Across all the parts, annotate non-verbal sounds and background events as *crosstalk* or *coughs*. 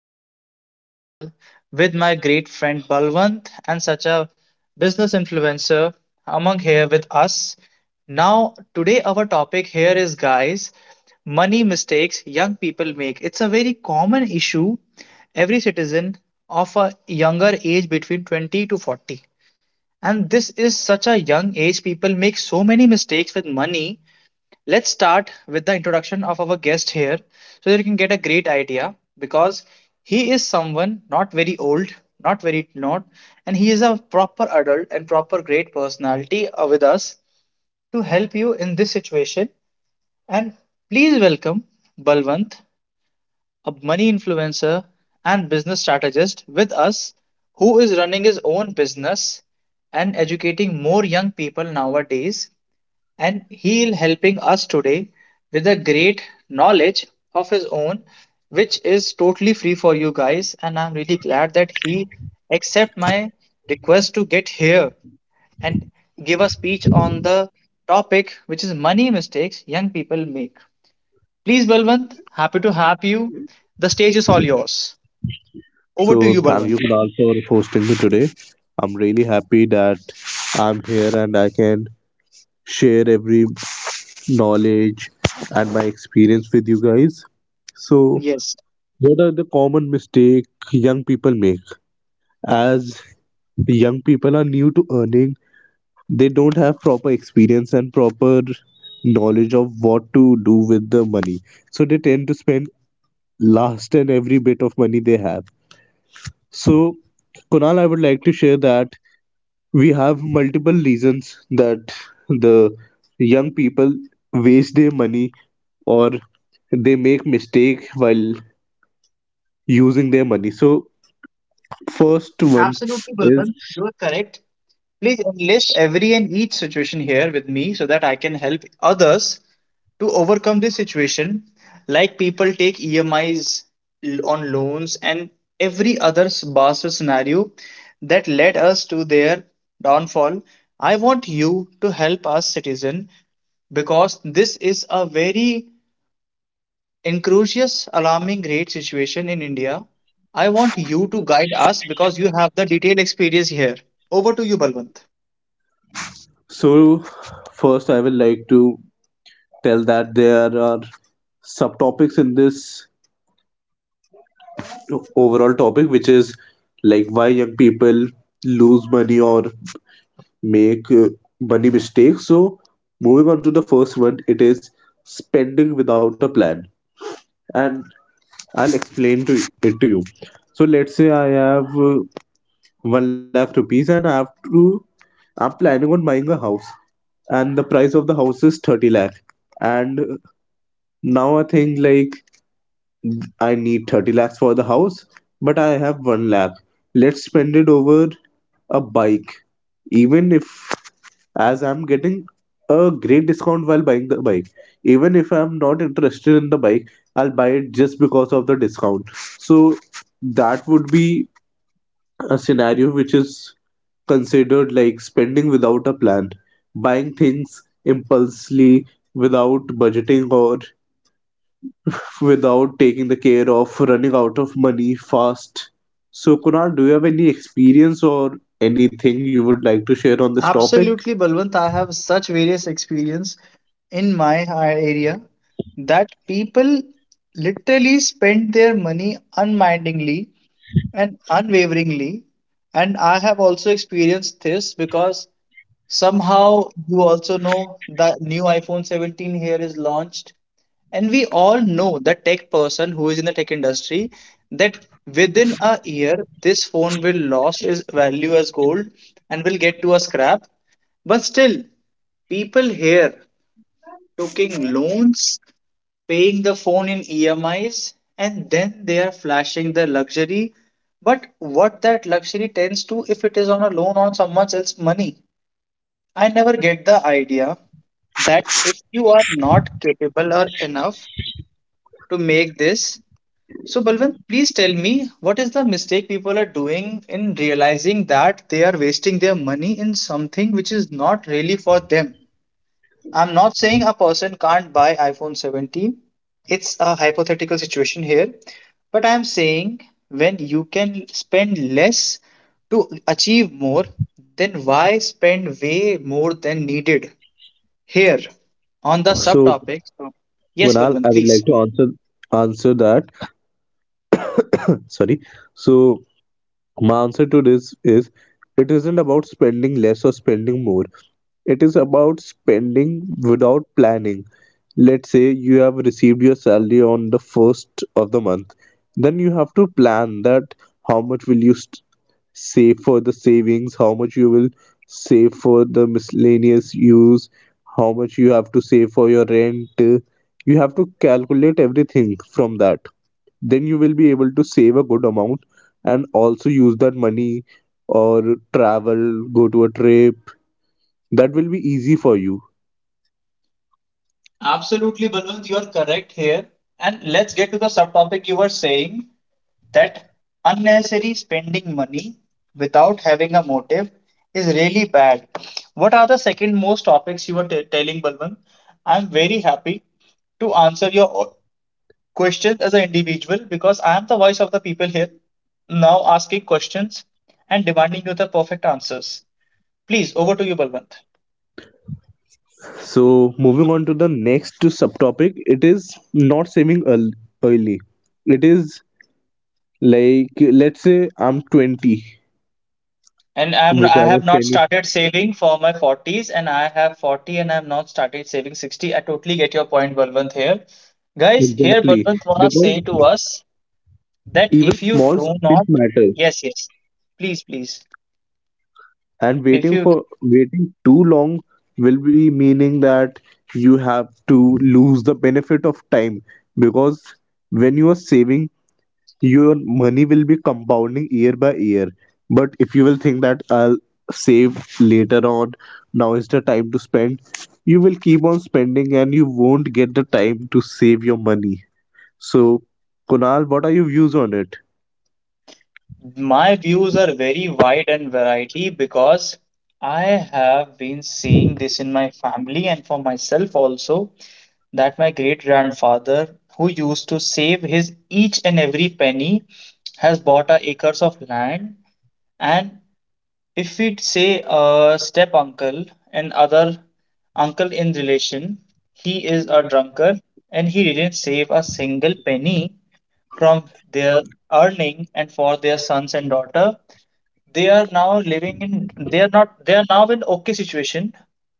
your host and host Kunal with my great friend Balwant and such a business influencer among here with us. Now, today our topic here is, guys, money mistakes young people make. It's a very common issue every citizen of a younger age between 20 to 40. And this is such a young age people make so many mistakes with money. Let's start with the introduction of our guest here so that you can get a great idea, because he is someone not very old, not very not, and he is a proper adult and proper great personality with us to help you in this situation. And please welcome Balwant, a money influencer and business strategist with us, who is running his own business and educating more young people nowadays, and he is helping us today with a great knowledge of his own which is totally free for you guys, and I'm really glad that he accept my request to get here and give a speech on the topic which is money mistakes young people make. Please, Balwant, happy to have you. The stage is all yours. Over to So you, thank Balwant. you, Kunal, for hosting me today. I'm really happy that I'm here and I can share every knowledge and my experience with you guys. So, Yes. what are the common mistake young people make? As young people are new to earning, they don't have proper experience and proper knowledge of what to do with the money. So they tend to spend last and every bit of money they have. So, Kunal, I would like to share that we have multiple reasons that the young people waste their money or they make mistake while using their money. So first one Absolutely, is, Balwant, you are correct. Please enlist every and each situation here with me so that I can help others to overcome this situation. Like people take EMIs on loans and every other bastard scenario that led us to their downfall. I want you to help us, citizen, because this is a very incautious, alarming rate situation in India. I want you to guide us because you have the detailed experience here. Over to you, Balwant. so first I will like to tell that there are subtopics in this overall topic, which is like why young people lose money or make money mistakes. So moving on to the first one, it is spending without a plan. And I'll explain to it to you. So let's say I have one lakh rupees and I have to I'm planning on buying a house, and the price of the house is 30 lakh. And now I think like I need 30 lakhs for the house, but I have 1 lakh. Let's spend it over a bike. Even if, as I'm getting a great discount while buying the bike, even if I'm not interested in the bike, I'll buy it just because of the discount. So that would be a scenario which is considered like spending without a plan, buying things impulsively without budgeting or without taking the care of running out of money fast. So, Kunal, do you have any experience or anything you would like to share on this topic? Absolutely, Balwant. I have such various experience in my area, that people literally spend their money unmindingly and unwaveringly. And I have also experienced this because somehow you also know the new iPhone 17 here is launched. And we all know the tech person who is in the tech industry that within a year this phone will lose its value as gold and will get to a scrap. But still, people here taking loans, paying the phone in EMIs, and then they are flashing their luxury. But what that luxury tends to if it is on a loan on someone else's money? I never get the idea that if you are not capable or enough to make this. So, Balwant, please tell me, what is the mistake people are doing in realizing that they are wasting their money in something which is not really for them? I'm not saying a person can't buy iPhone 17. It's a hypothetical situation here. But I'm saying, when you can spend less to achieve more, then why spend way more than needed? Here on the So, subtopic. Yes, Kunal, I Balwant, would please. like to answer that. *coughs* Sorry. So, my answer to this is it isn't about spending less or spending more. It is about spending without planning. Let's say you have received your salary on the first of the month, then you have to plan that how much will you save for the savings, how much you will save for the miscellaneous use, how much you have to save for your rent. You have to calculate everything from that, then you will be able to save a good amount and also use that money or travel, go to a trip. That will be easy for you. Absolutely, Balwant, you are correct here. And let's get to the subtopic you were saying, that unnecessary spending money without having a motive is really bad. What are the second most topics you were telling, Balwant? I'm very happy to answer your questions as an individual, because I am the voice of the people here, now asking questions and demanding you the perfect answers. Please, over to you, Balwant. So moving on to the next subtopic, it is not saving early. It is like let's say I'm 20, And I'm which I I have was not 10 years- started saving for my 40s, and I have 40 and I've not started saving 60. I totally get your point, Balwant here. Guys, exactly, here Balwant because wanna say to us even that if small you do steps not, matter, yes, yes, please, please. and If you, waiting too long will be meaning that you have to lose the benefit of time, because when you are saving, your money will be compounding year by year. But if you will think that I'll save later on, now is the time to spend, you will keep on spending and you won't get the time to save your money. So, Kunal, what are your views on it? my views are very wide and variety, because I have been seeing this in my family and for myself also, that my great grandfather, who used to save his each and every penny, has bought a acres of land. And if we say a step uncle and other uncle in relation, he is a drunkard and he didn't save a single penny from their earning, and for their sons and daughter they are now living in, they are not, they are now in okay situation,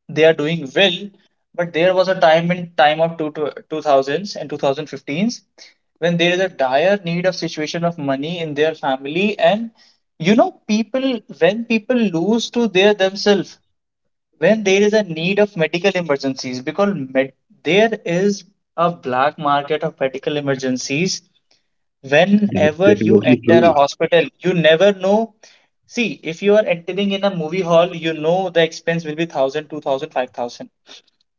they are doing well. But there was a time in time of 2000s and 2015s when there is a dire need of situation of money in their family. And you know people when people lose to their themselves, when there is a need of medical emergencies, because there is a black market of medical emergencies. That's Whenever you definitely enter a true. hospital, you never know. See, if you are entering in a movie hall, you know the expense will be 1,000, 2,000, 5,000.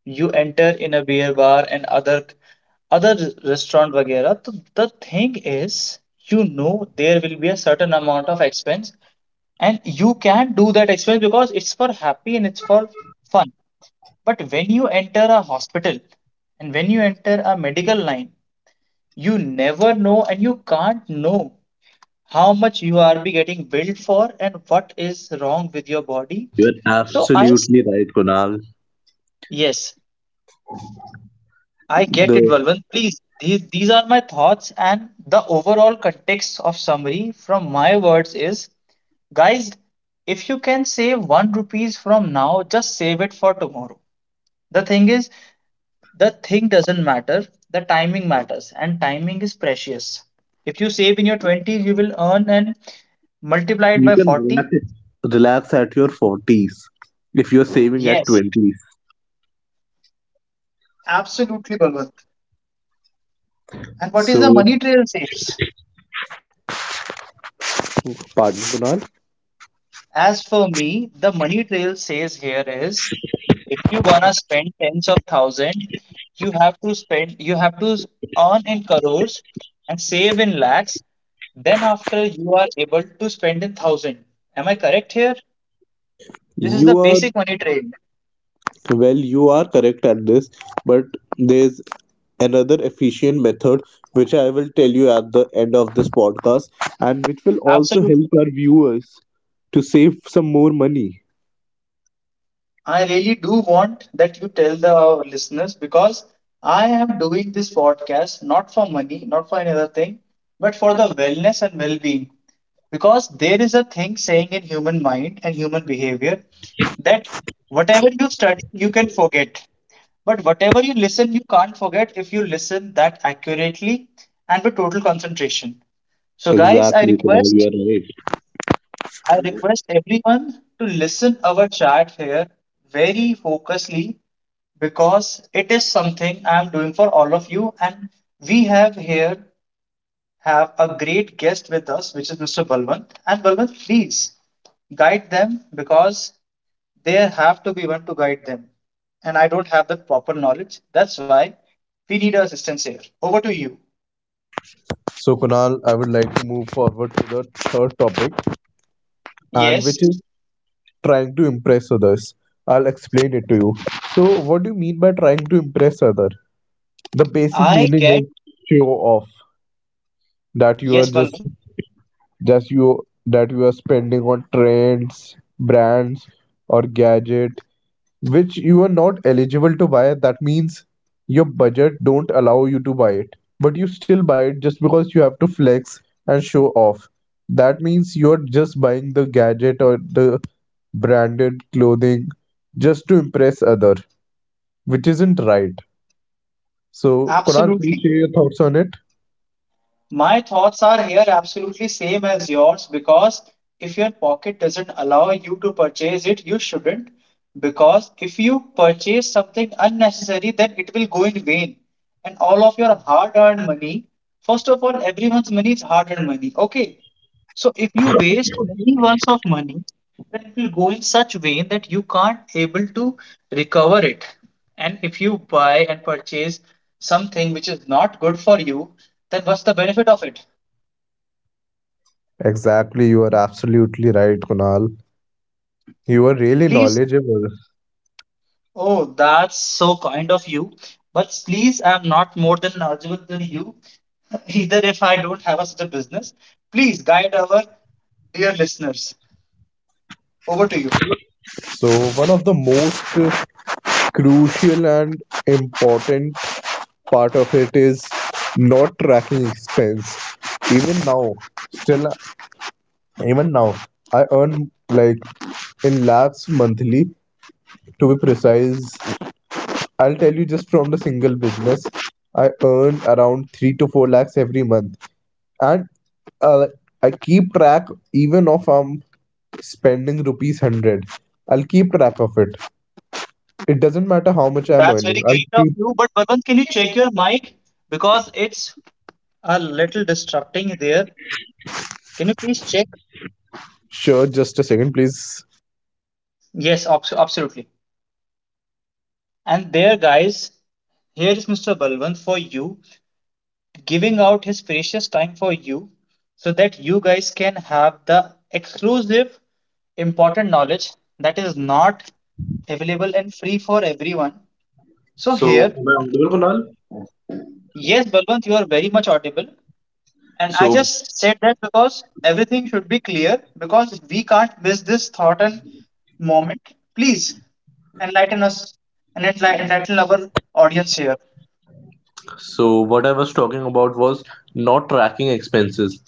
You enter in a beer bar and other restaurant वगैरह तो the thing is you know there will be a certain amount of expense, and you can do that expense because it's for happy and it's for fun. But when you enter a hospital and when you enter a medical line, you never know and you can't know how much you are be getting billed for and what is wrong with your body. You are So I s- absolutely right, Kunal. yes, I get it, The Balwant. Please, these are my thoughts, and the overall context of summary from my words is, guys, if you can save one rupees from now, just save it for tomorrow. The thing is, the thing doesn't matter. The timing matters, and timing is precious. If you save in your 20s, you will earn and multiply it You by can relax. 40. Relax at your 40s if you're saving at Yes. 20s. Absolutely, Balwant. And what is So, the money trail says? pardon, Kunal, As for me, the money trail says here is, if you gonna spend tens of thousand, you have to spend, you have to earn in crores and save in lakhs. Then after you are able to spend in thousand. Am I correct here? This is the you are basic money trail. well, you are correct at this, but there's another efficient method which I will tell you at the end of this podcast, and which will also help Absolutely. our viewers to save some more money. I really do want that you tell the our listeners, because I am doing this podcast not for money, not for another thing, but for the wellness and well-being. Because there is a thing saying in human mind and human behavior that whatever you study, you can forget. But whatever you listen, you can't forget if you listen that accurately and with total concentration. So, guys, I Exactly, Kunal, you request, are right. I request everyone to listen our chat here very focusedly, because it is something I am doing for all of you, and we have here have a great guest with us, which is Mr. Balwant. And Balwant, please guide them because there have to be one to guide them, and I don't have the proper knowledge. That's why we need your assistance here. Over to you. So, Kunal, I would like to move forward to the third topic, and Yes. which is trying to impress others. I'll explain it to you. So, what do you mean by trying to impress other? The basic I meaning get is show off that you are Yes, just Balwant. just you that you are spending on trends, brands, or gadget which you are not eligible to buy. That means your budget don't allow you to buy it, but you still buy it just because you have to flex and show off. That means you're just buying the gadget or the branded clothing just to impress other, which isn't right. So, Kunal, please Absolutely. share your thoughts on it. My thoughts are here absolutely same as yours, because if your pocket doesn't allow you to purchase it, you shouldn't. Because if you purchase something unnecessary, then it will go in vain. And all of your hard-earned money, first of all, everyone's money is hard-earned money. Okay. So if you waste any ounce of money, then it will go in such way that you can't able to recover it. And if you buy and purchase something which is not good for you, then what's the benefit of it? Exactly, you are absolutely right, Kunal. You are really Please. knowledgeable. Oh, that's so kind of you. But please, I'm not more than knowledgeable than you. *laughs* Either if I don't have a, such a business, please guide our dear listeners. Over to you. So one of the most crucial and important part of it is not tracking expense. Even now, still even now, I earn like in lakhs monthly to be precise. I'll tell you just from the single business, I earn around three to four lakhs every month, and uh, I keep track even of am spending rupees 100. I'll keep track of it. It doesn't matter how much I'm That's earning. very I'll great of keep you. But Vadan, can you check your mic, because it's a little disrupting there? Can you please check? sure. Just a second, please. Absolutely. And there, guys, here is Mr. Balwant for you, giving out his precious time for you so that you guys can have the exclusive, important knowledge that is not available and free for everyone. So, So, here, am I audible, Kunal? yes, Balwant, you are very much audible. And I So, just said that because everything should be clear, because we can't miss this thought and moment. Please enlighten us and enlighten our audience here. so what I was talking about was not tracking expenses.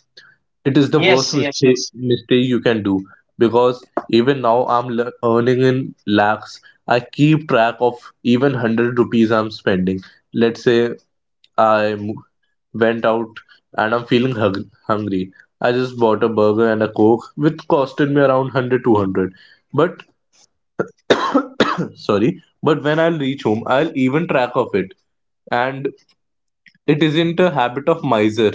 It is the worst Yes, yes, mistake yes. mistake you can do, because even now I'm earning in lakhs. I keep track of even 100 rupees I'm spending. Let's say I went out and I'm feeling hungry. I just bought a burger and a coke, which costed me around 100 200. But sorry, but when I'll reach home, I'll even track of it. And it isn't a habit of miser,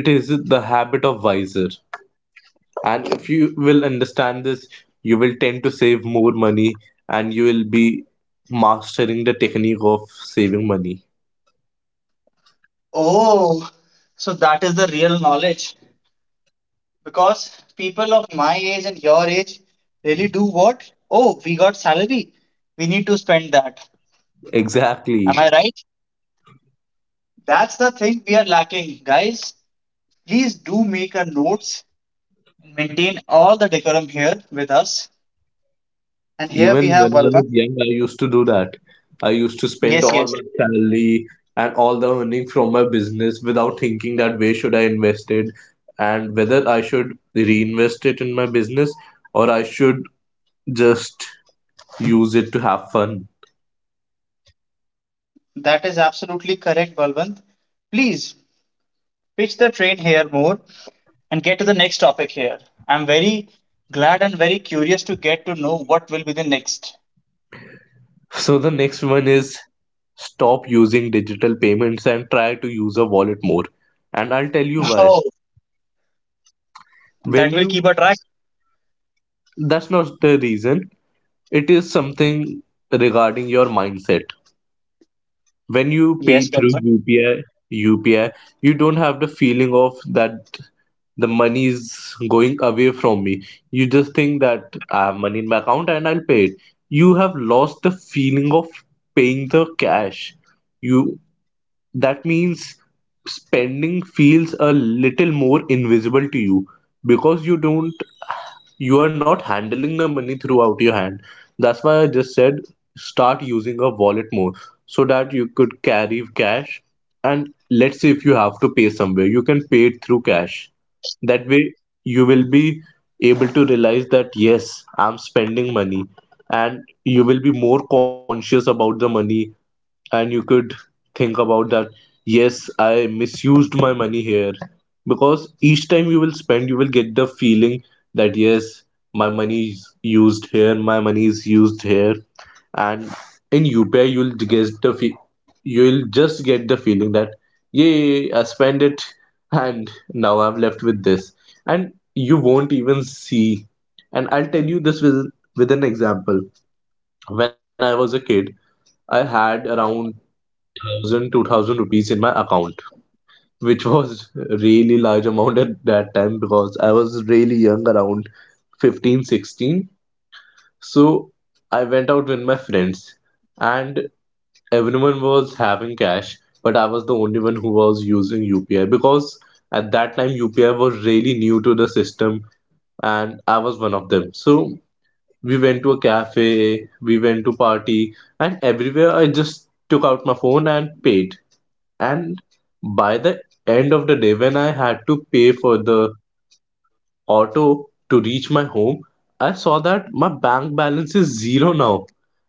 it is the habit of wiser. And if you will understand this, you will tend to save more money, and you will be mastering the technique of saving money Oh, so that is the real knowledge, because people of my age and your age really do what? Oh, we got salary. We need to spend that. Am exactly. I right? That's the thing we are lacking, guys. Please do make a notes and maintain all the decorum here with us. And here we Even when have I was Balwant. young, I used to do that. I used to spend Yes, all yes, my salary and all the earning from my business without thinking that where should I invest it, and whether I should reinvest it in my business or I should just use it to have fun. that is absolutely correct, Balwant. Please pitch the train here more and get to the next topic here. I'm very glad and very curious to get to know what will be the next. So the next one is stop using digital payments and try to use a wallet more. And I'll tell you *laughs* why. Oh, that When will keep you a track. that's not the reason. It is something regarding your mindset. When you pay Yes, through Balwant. UPI, you don't have the feeling of that the money is going away from me. You just think that I have money in my account and I'll pay it. You have lost the feeling of paying the cash. You, that means spending feels a little more invisible to you, because you don't, you are not handling the money throughout your hand. That's why I just said start using a wallet more, so that you could carry cash. And let's say if you have to pay somewhere, you can pay it through cash. That way, you will be able to realize that yes, I'm spending money, and you will be more conscious about the money, and you could think about that. Yes, I misused my money here, because each time you will spend, you will get the feeling that yes, my money is used here, my money is used here. And in UPI you'll get the you'll just get the feeling that yay, I spent it, and now I'm left with this, and you won't even see. And I'll tell you this with an example. When I was a kid, I had around one thousand 2000 rupees in my account, which was really large amount at that time, because I was really young, around 15, 16. So I went out with my friends, and everyone was having cash but I was the only one who was using UPI, because at that time UPI was really new to the system and I was one of them. So we went to a cafe, we went to party, and everywhere I just took out my phone and paid. And by the end of the day, when I had to pay for the auto to reach my home, I saw that my bank balance is zero now.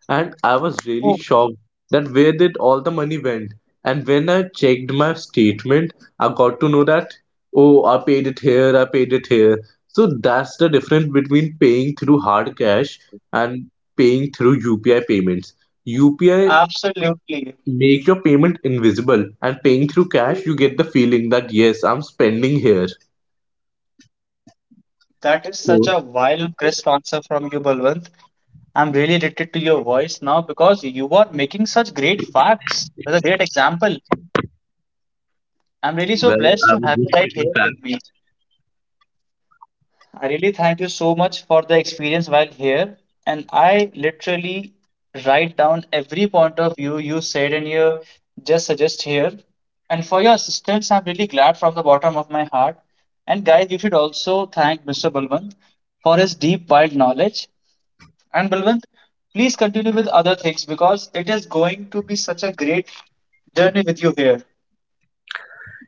And I was really shocked that where did all the money went? And when I checked my statement, I got to know that, oh, I paid it here, I paid it here. So that's the difference between paying through hard cash and paying through UPI payments. UPI Absolutely. make your payment invisible, and paying through cash, you get the feeling that yes, I'm spending here. That is such So, a wild, crisp answer from you, Balwant. I'm really addicted to your voice now, because you are making such great facts with a great example. I'm really so well, blessed I to was have you just right fitting here back. with me. I really thank you so much for the experience while here. And I literally write down every point of view you said and you just suggest here. And for your assistance, I'm really glad from the bottom of my heart. And guys, you should also thank Mr. Balwant for his deep, wild knowledge. And Balwant, please continue with other things because it is going to be such a great journey with you here.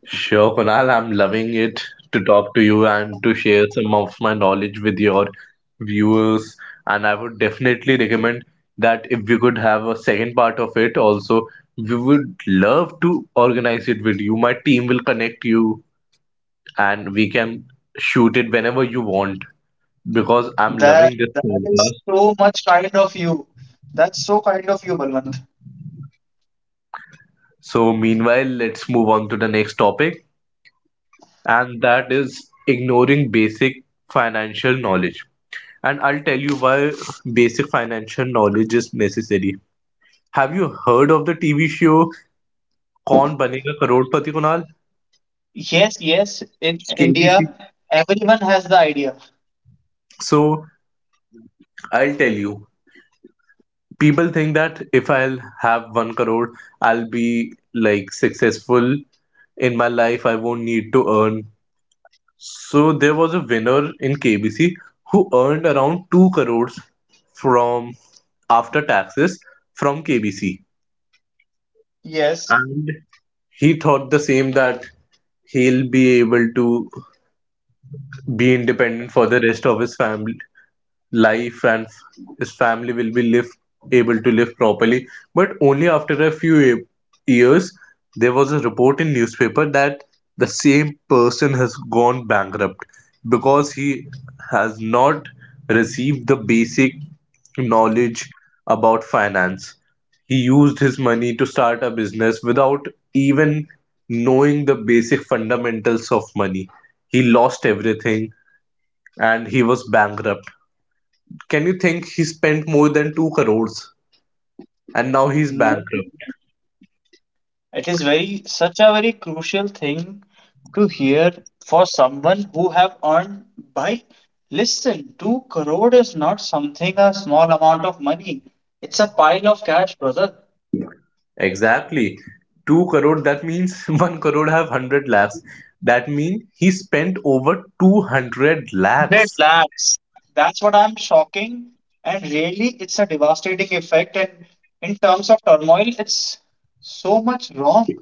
Sure, Kunal, I'm loving it to talk to you and to share some of my knowledge with your viewers. And I would definitely recommend that if we could have a second part of it also, we would love to organize it with you. My team will connect you and we can shoot it whenever you want, because I'm That loving this that is podcast. so much kind of you. That's so kind of you, Balwant. So, meanwhile, let's move on to the next topic, and that is ignoring basic financial knowledge. And I'll tell you why basic financial knowledge is necessary. Have you heard of the TV show Kaun Banega Crorepati, Kunal? Yes, yes. In India, KBC. everyone has the idea. So, I'll tell you. People think that if I'll have one crore, I'll be like successful in my life. I won't need to earn. So there was a winner in KBC who earned around 2 crores from after taxes from KBC, Yes. and he thought the same, that he'll be able to be independent for the rest of his family life, and his family will be live able to live properly. But only after a few years, there was a report in newspaper that the same person has gone bankrupt, because he has not received the basic knowledge about finance. He used his money to start a business without even knowing the basic fundamentals of money. He lost everything and he was bankrupt. Can you think he spent more than 2 crores and now he's No. bankrupt? It is very such a very crucial thing to hear for someone who have earned by listen, two crore is not something a small amount of money. It's a pile of cash, brother. Exactly. 2 crore, that means *laughs* 1 crore have 100 lakhs. That means he spent over 200 100 lakhs. lakhs. That's what I'm shocking. And really, it's a devastating effect. And in terms of turmoil, it's so much wrong.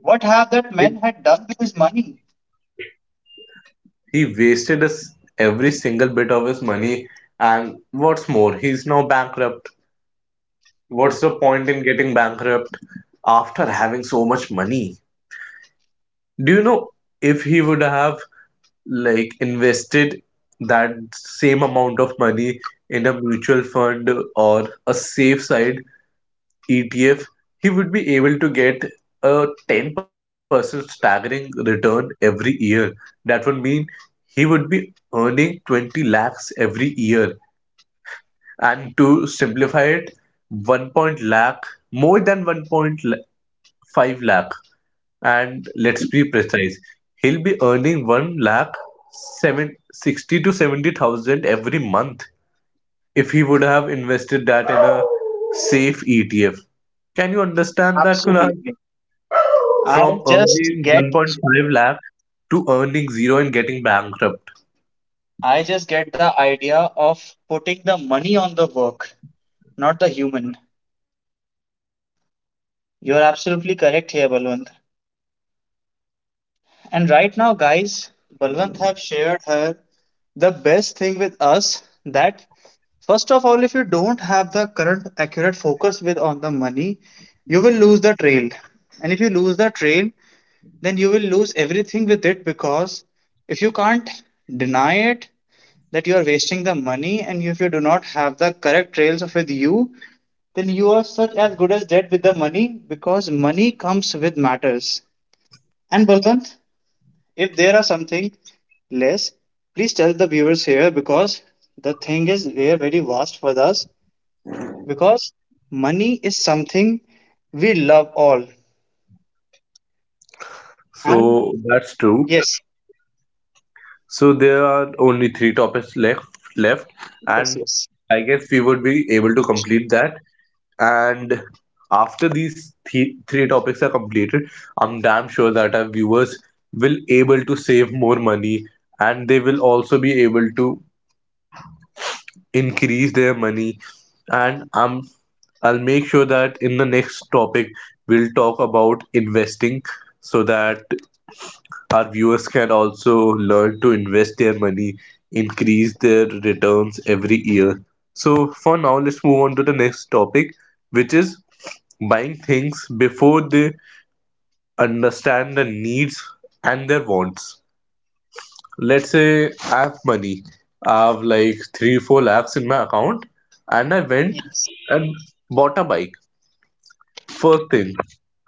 What have that man had done with his money? He wasted his, every single bit of his money, and what's more, he's now bankrupt. What's the point in getting bankrupt after having so much money? Do you know, if he would have like invested that same amount of money in a mutual fund or a safe side ETF, he would be able to get a 10% staggering return every year. That would mean he would be earning 20 lakhs every year. And to simplify it, 1 point lakh, more than 1.5 lakh, and let's be precise, he'll be earning one lakh 760 to 70,000 every month if he would have invested that in a safe ETF. Can you understand that, Kunal? Absolutely. I From just earning get, 1.5 lakh to earning zero and getting bankrupt. I just get the idea of putting the money on the work, not the human. You're absolutely correct here, Balwant. And right now, guys, Balwant have shared her the best thing with us that first of all, if you don't have the current accurate focus with on the money, you will lose the trail. And if you lose the trail, then you will lose everything with it because if you can't deny it that you are wasting the money and if you do not have the correct trails with you, then you are such as good as dead with the money because money comes with matters. And Balwant, if there are something less, please tell the viewers here because the thing is they are very vast for us because money is something we love all. And So that's true. yes, So there are only three topics left, yes, and yes. I guess we would be able to complete that. And after these three topics are completed, I'm damn sure that our viewers will able to save more money, and they will also be able to increase their money. And I'll make sure that in the next topic we'll talk about investing, so that our viewers can also learn to invest their money, increase their returns every year. So, for now, let's move on to the next topic, which is buying things before they understand the needs and their wants. Let's say I have money, I have like three, four lakhs in my account, and I went Yes, and bought a bike. First thing,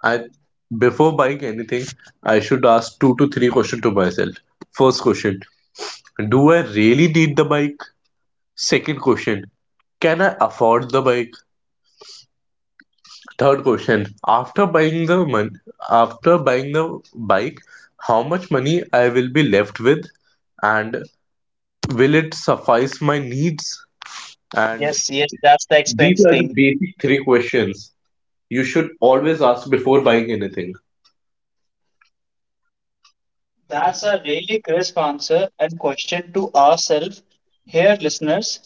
I before buying anything, I should ask two to three questions to myself. First question, do I really need the bike? Second question, can I afford the bike? Third question, after buying the after buying the bike, how much money I will be left with, and will it suffice my needs? And yes, yes, that's the these expense are the thing. basic three questions you should always ask before buying anything. That's a really crisp answer and question to ourselves here, listeners.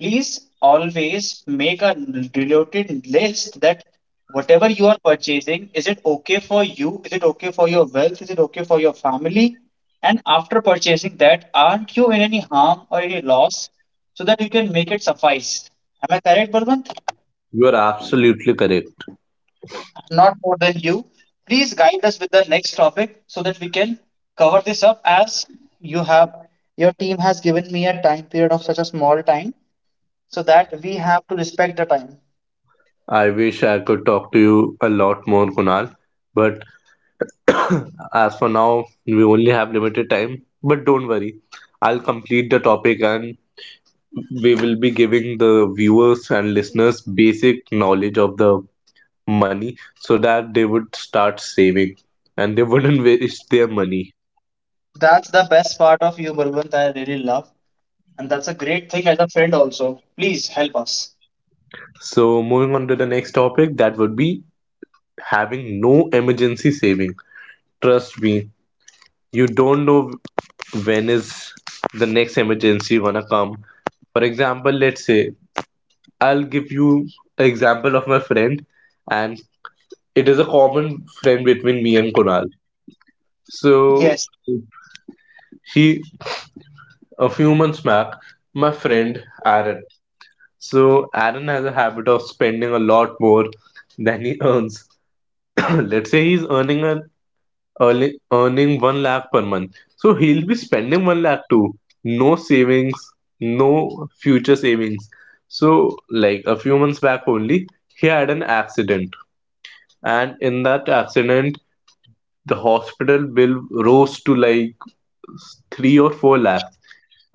Please always make a related list that whatever you are purchasing, is it okay for you? Is it okay for your wealth? Is it okay for your family? And after purchasing that, aren't you in any harm or any loss so that you can make it suffice? Am I correct, Balwant? You are absolutely correct. Not more than you. Please guide us with the next topic so that we can cover this up as you have your team has given me a time period of such a small time so that we have to respect the time. I wish I could talk to you a lot more, Kunal, but as for now, we only have limited time, but don't worry. I'll complete the topic, and we will be giving the viewers and listeners basic knowledge of the money so that they would start saving, and they *laughs* wouldn't waste their money. That's the best part of you, Balwant, I really love. And that's a great thing as a friend also. Please help us. So, moving on to the next topic, that would be having no emergency saving. Trust me, you don't know when is the next emergency gonna come. For example, let's say I'll give you an example of my friend, and it is a common friend between me and Kunal. So Yes. he a few months back, my friend Aaron. So Aaron has a habit of spending a lot more than he earns. *coughs* *clears throat* Let's say he's earning 1 lakh per month. So he'll be spending 1 lakh too. No savings, no future savings. So like a few months back only, he had an accident, and in that accident the hospital bill rose to like 3 or 4 lakhs,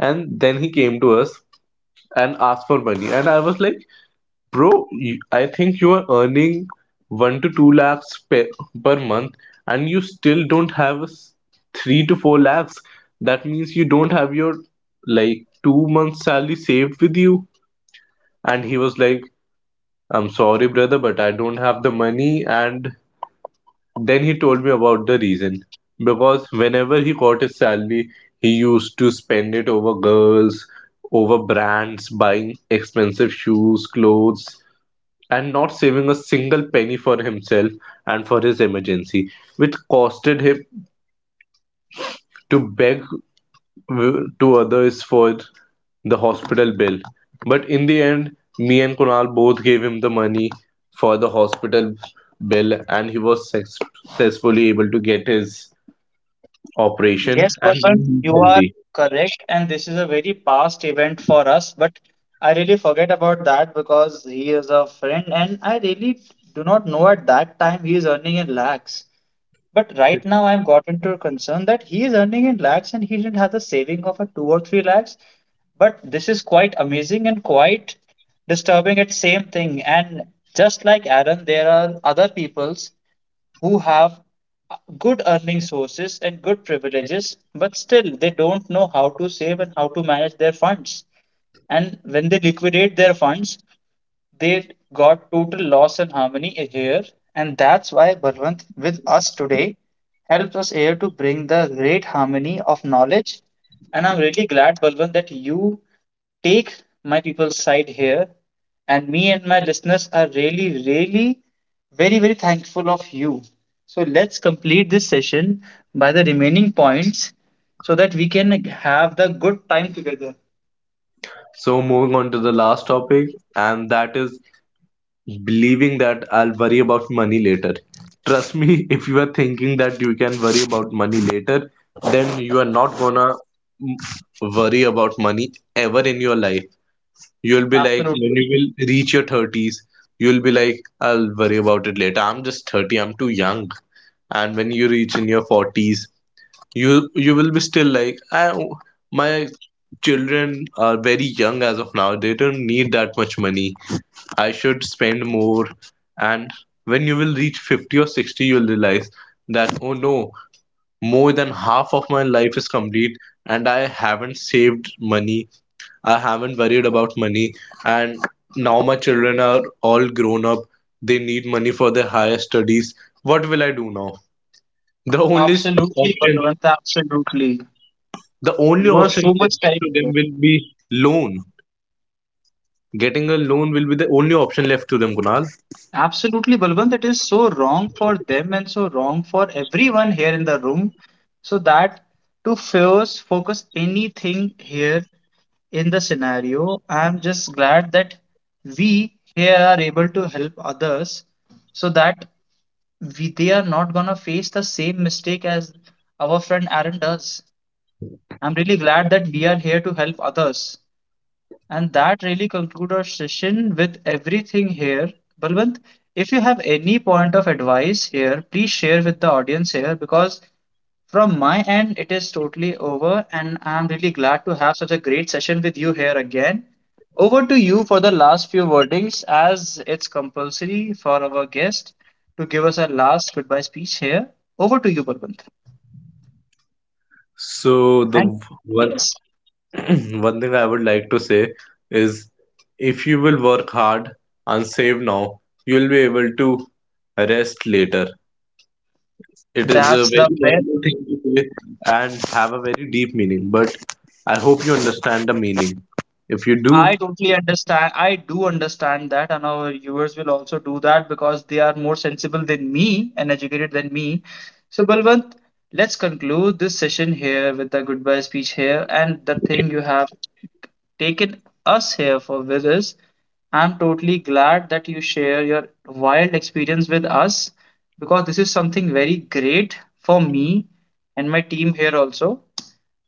and then he came to us and asked for money, and I was like, bro, I think you are earning 1 to 2 lakhs per month, and you still don't have a 3 to 4 lakhs. That means you don't have your like 2 months salary saved with you. And he was like, I'm sorry brother, but I don't have the money. And then he told me about the reason. Because whenever he got his salary, he used to spend it over girls, over brands, buying expensive shoes, clothes, and not saving a single penny for himself and for his emergency, which costed him to beg to others for the hospital bill. But in the end, me and Kunal both gave him the money for the hospital bill, and he was successfully able to get his operation Yes, Balwant, and you are healthy. correct, and this is a very past event for us. But I really forget about that because he is a friend, and I really do not know at that time he is earning in lakhs. But right now, I've got into a concern that he is earning in lakhs and he didn't have the saving of a two or three lakhs. But this is quite amazing and quite disturbing at same thing. And just like Aaron, there are other peoples who have good earning sources and good privileges, but still they don't know how to save and how to manage their funds. And when they liquidate their funds, they got total loss and harmony here, and that's why Balwant with us today helps us here to bring the great harmony of knowledge. And I'm really glad, Balwant, that you take my people's side here, and me and my listeners are really, really very, very thankful of you. So let's complete this session by the remaining points so that we can have the good time together. So moving on to the last topic, and that is believing that I'll worry about money later. Trust me, *laughs* if you are thinking that you can worry about money later, then you are not gonna mm, worry about money ever in your life. You'll be like when Absolutely. you will reach your thirties, you'll be like, I'll worry about it later. I'm just 30, I'm too young. And when you reach in your forties, you will be still like, I, my children are very young as of now, they don't need that much money, I should spend more. And when you will reach 50 or 60, you'll realize that, oh no, more than half of my life is complete, and I haven't saved money, I haven't worried about money, and now my children are all grown up, they need money for their higher studies. What will I do now? the only Absolutely, option Balwant, absolutely. the only You are option so left much to correct them will there. be loan. Getting a loan will be the only option left to them, Kunal. Absolutely, Balwant. It is so wrong for them and so wrong for everyone here in the room. So that to first focus anything here in the scenario, I'm just glad that we here are able to help others so that we they are not gonna face the same mistake as our friend Aaron does. I'm really glad that we are here to help others. And that really concludes our session with everything here. Balwant, if you have any point of advice here, please share with the audience here because from my end it is totally over and I'm really glad to have such a great session with you here again. Over to you for the last few wordings as it's compulsory for our guest to give us a last goodbye speech here. Over to you, Balwant. So the And one yes, *clears throat* one thing I would like to say is, if you will work hard and save now, you will be able to rest later. It is a that's very the best. normal thing to say and have a very deep meaning, but I hope you understand the meaning. If you do, I totally understand. I do understand that, and our viewers will also do that because they are more sensible than me and educated than me. So, Balwant, let's conclude this session here with the goodbye speech here. And the thing you have taken us here for with us, I'm totally glad that you share your wild experience with us because this is something very great for me and my team here also.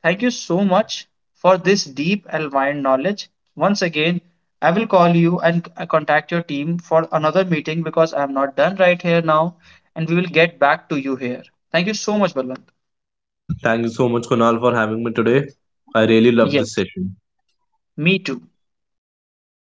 Thank you so much for this deep and wide knowledge. Once again, I will call you and contact your team for another meeting because I am not done right here now, and we will get back to you here. Thank you so much, Balwant. thank you so much, Kunal, for having me today. I really love this Yes, session. me too.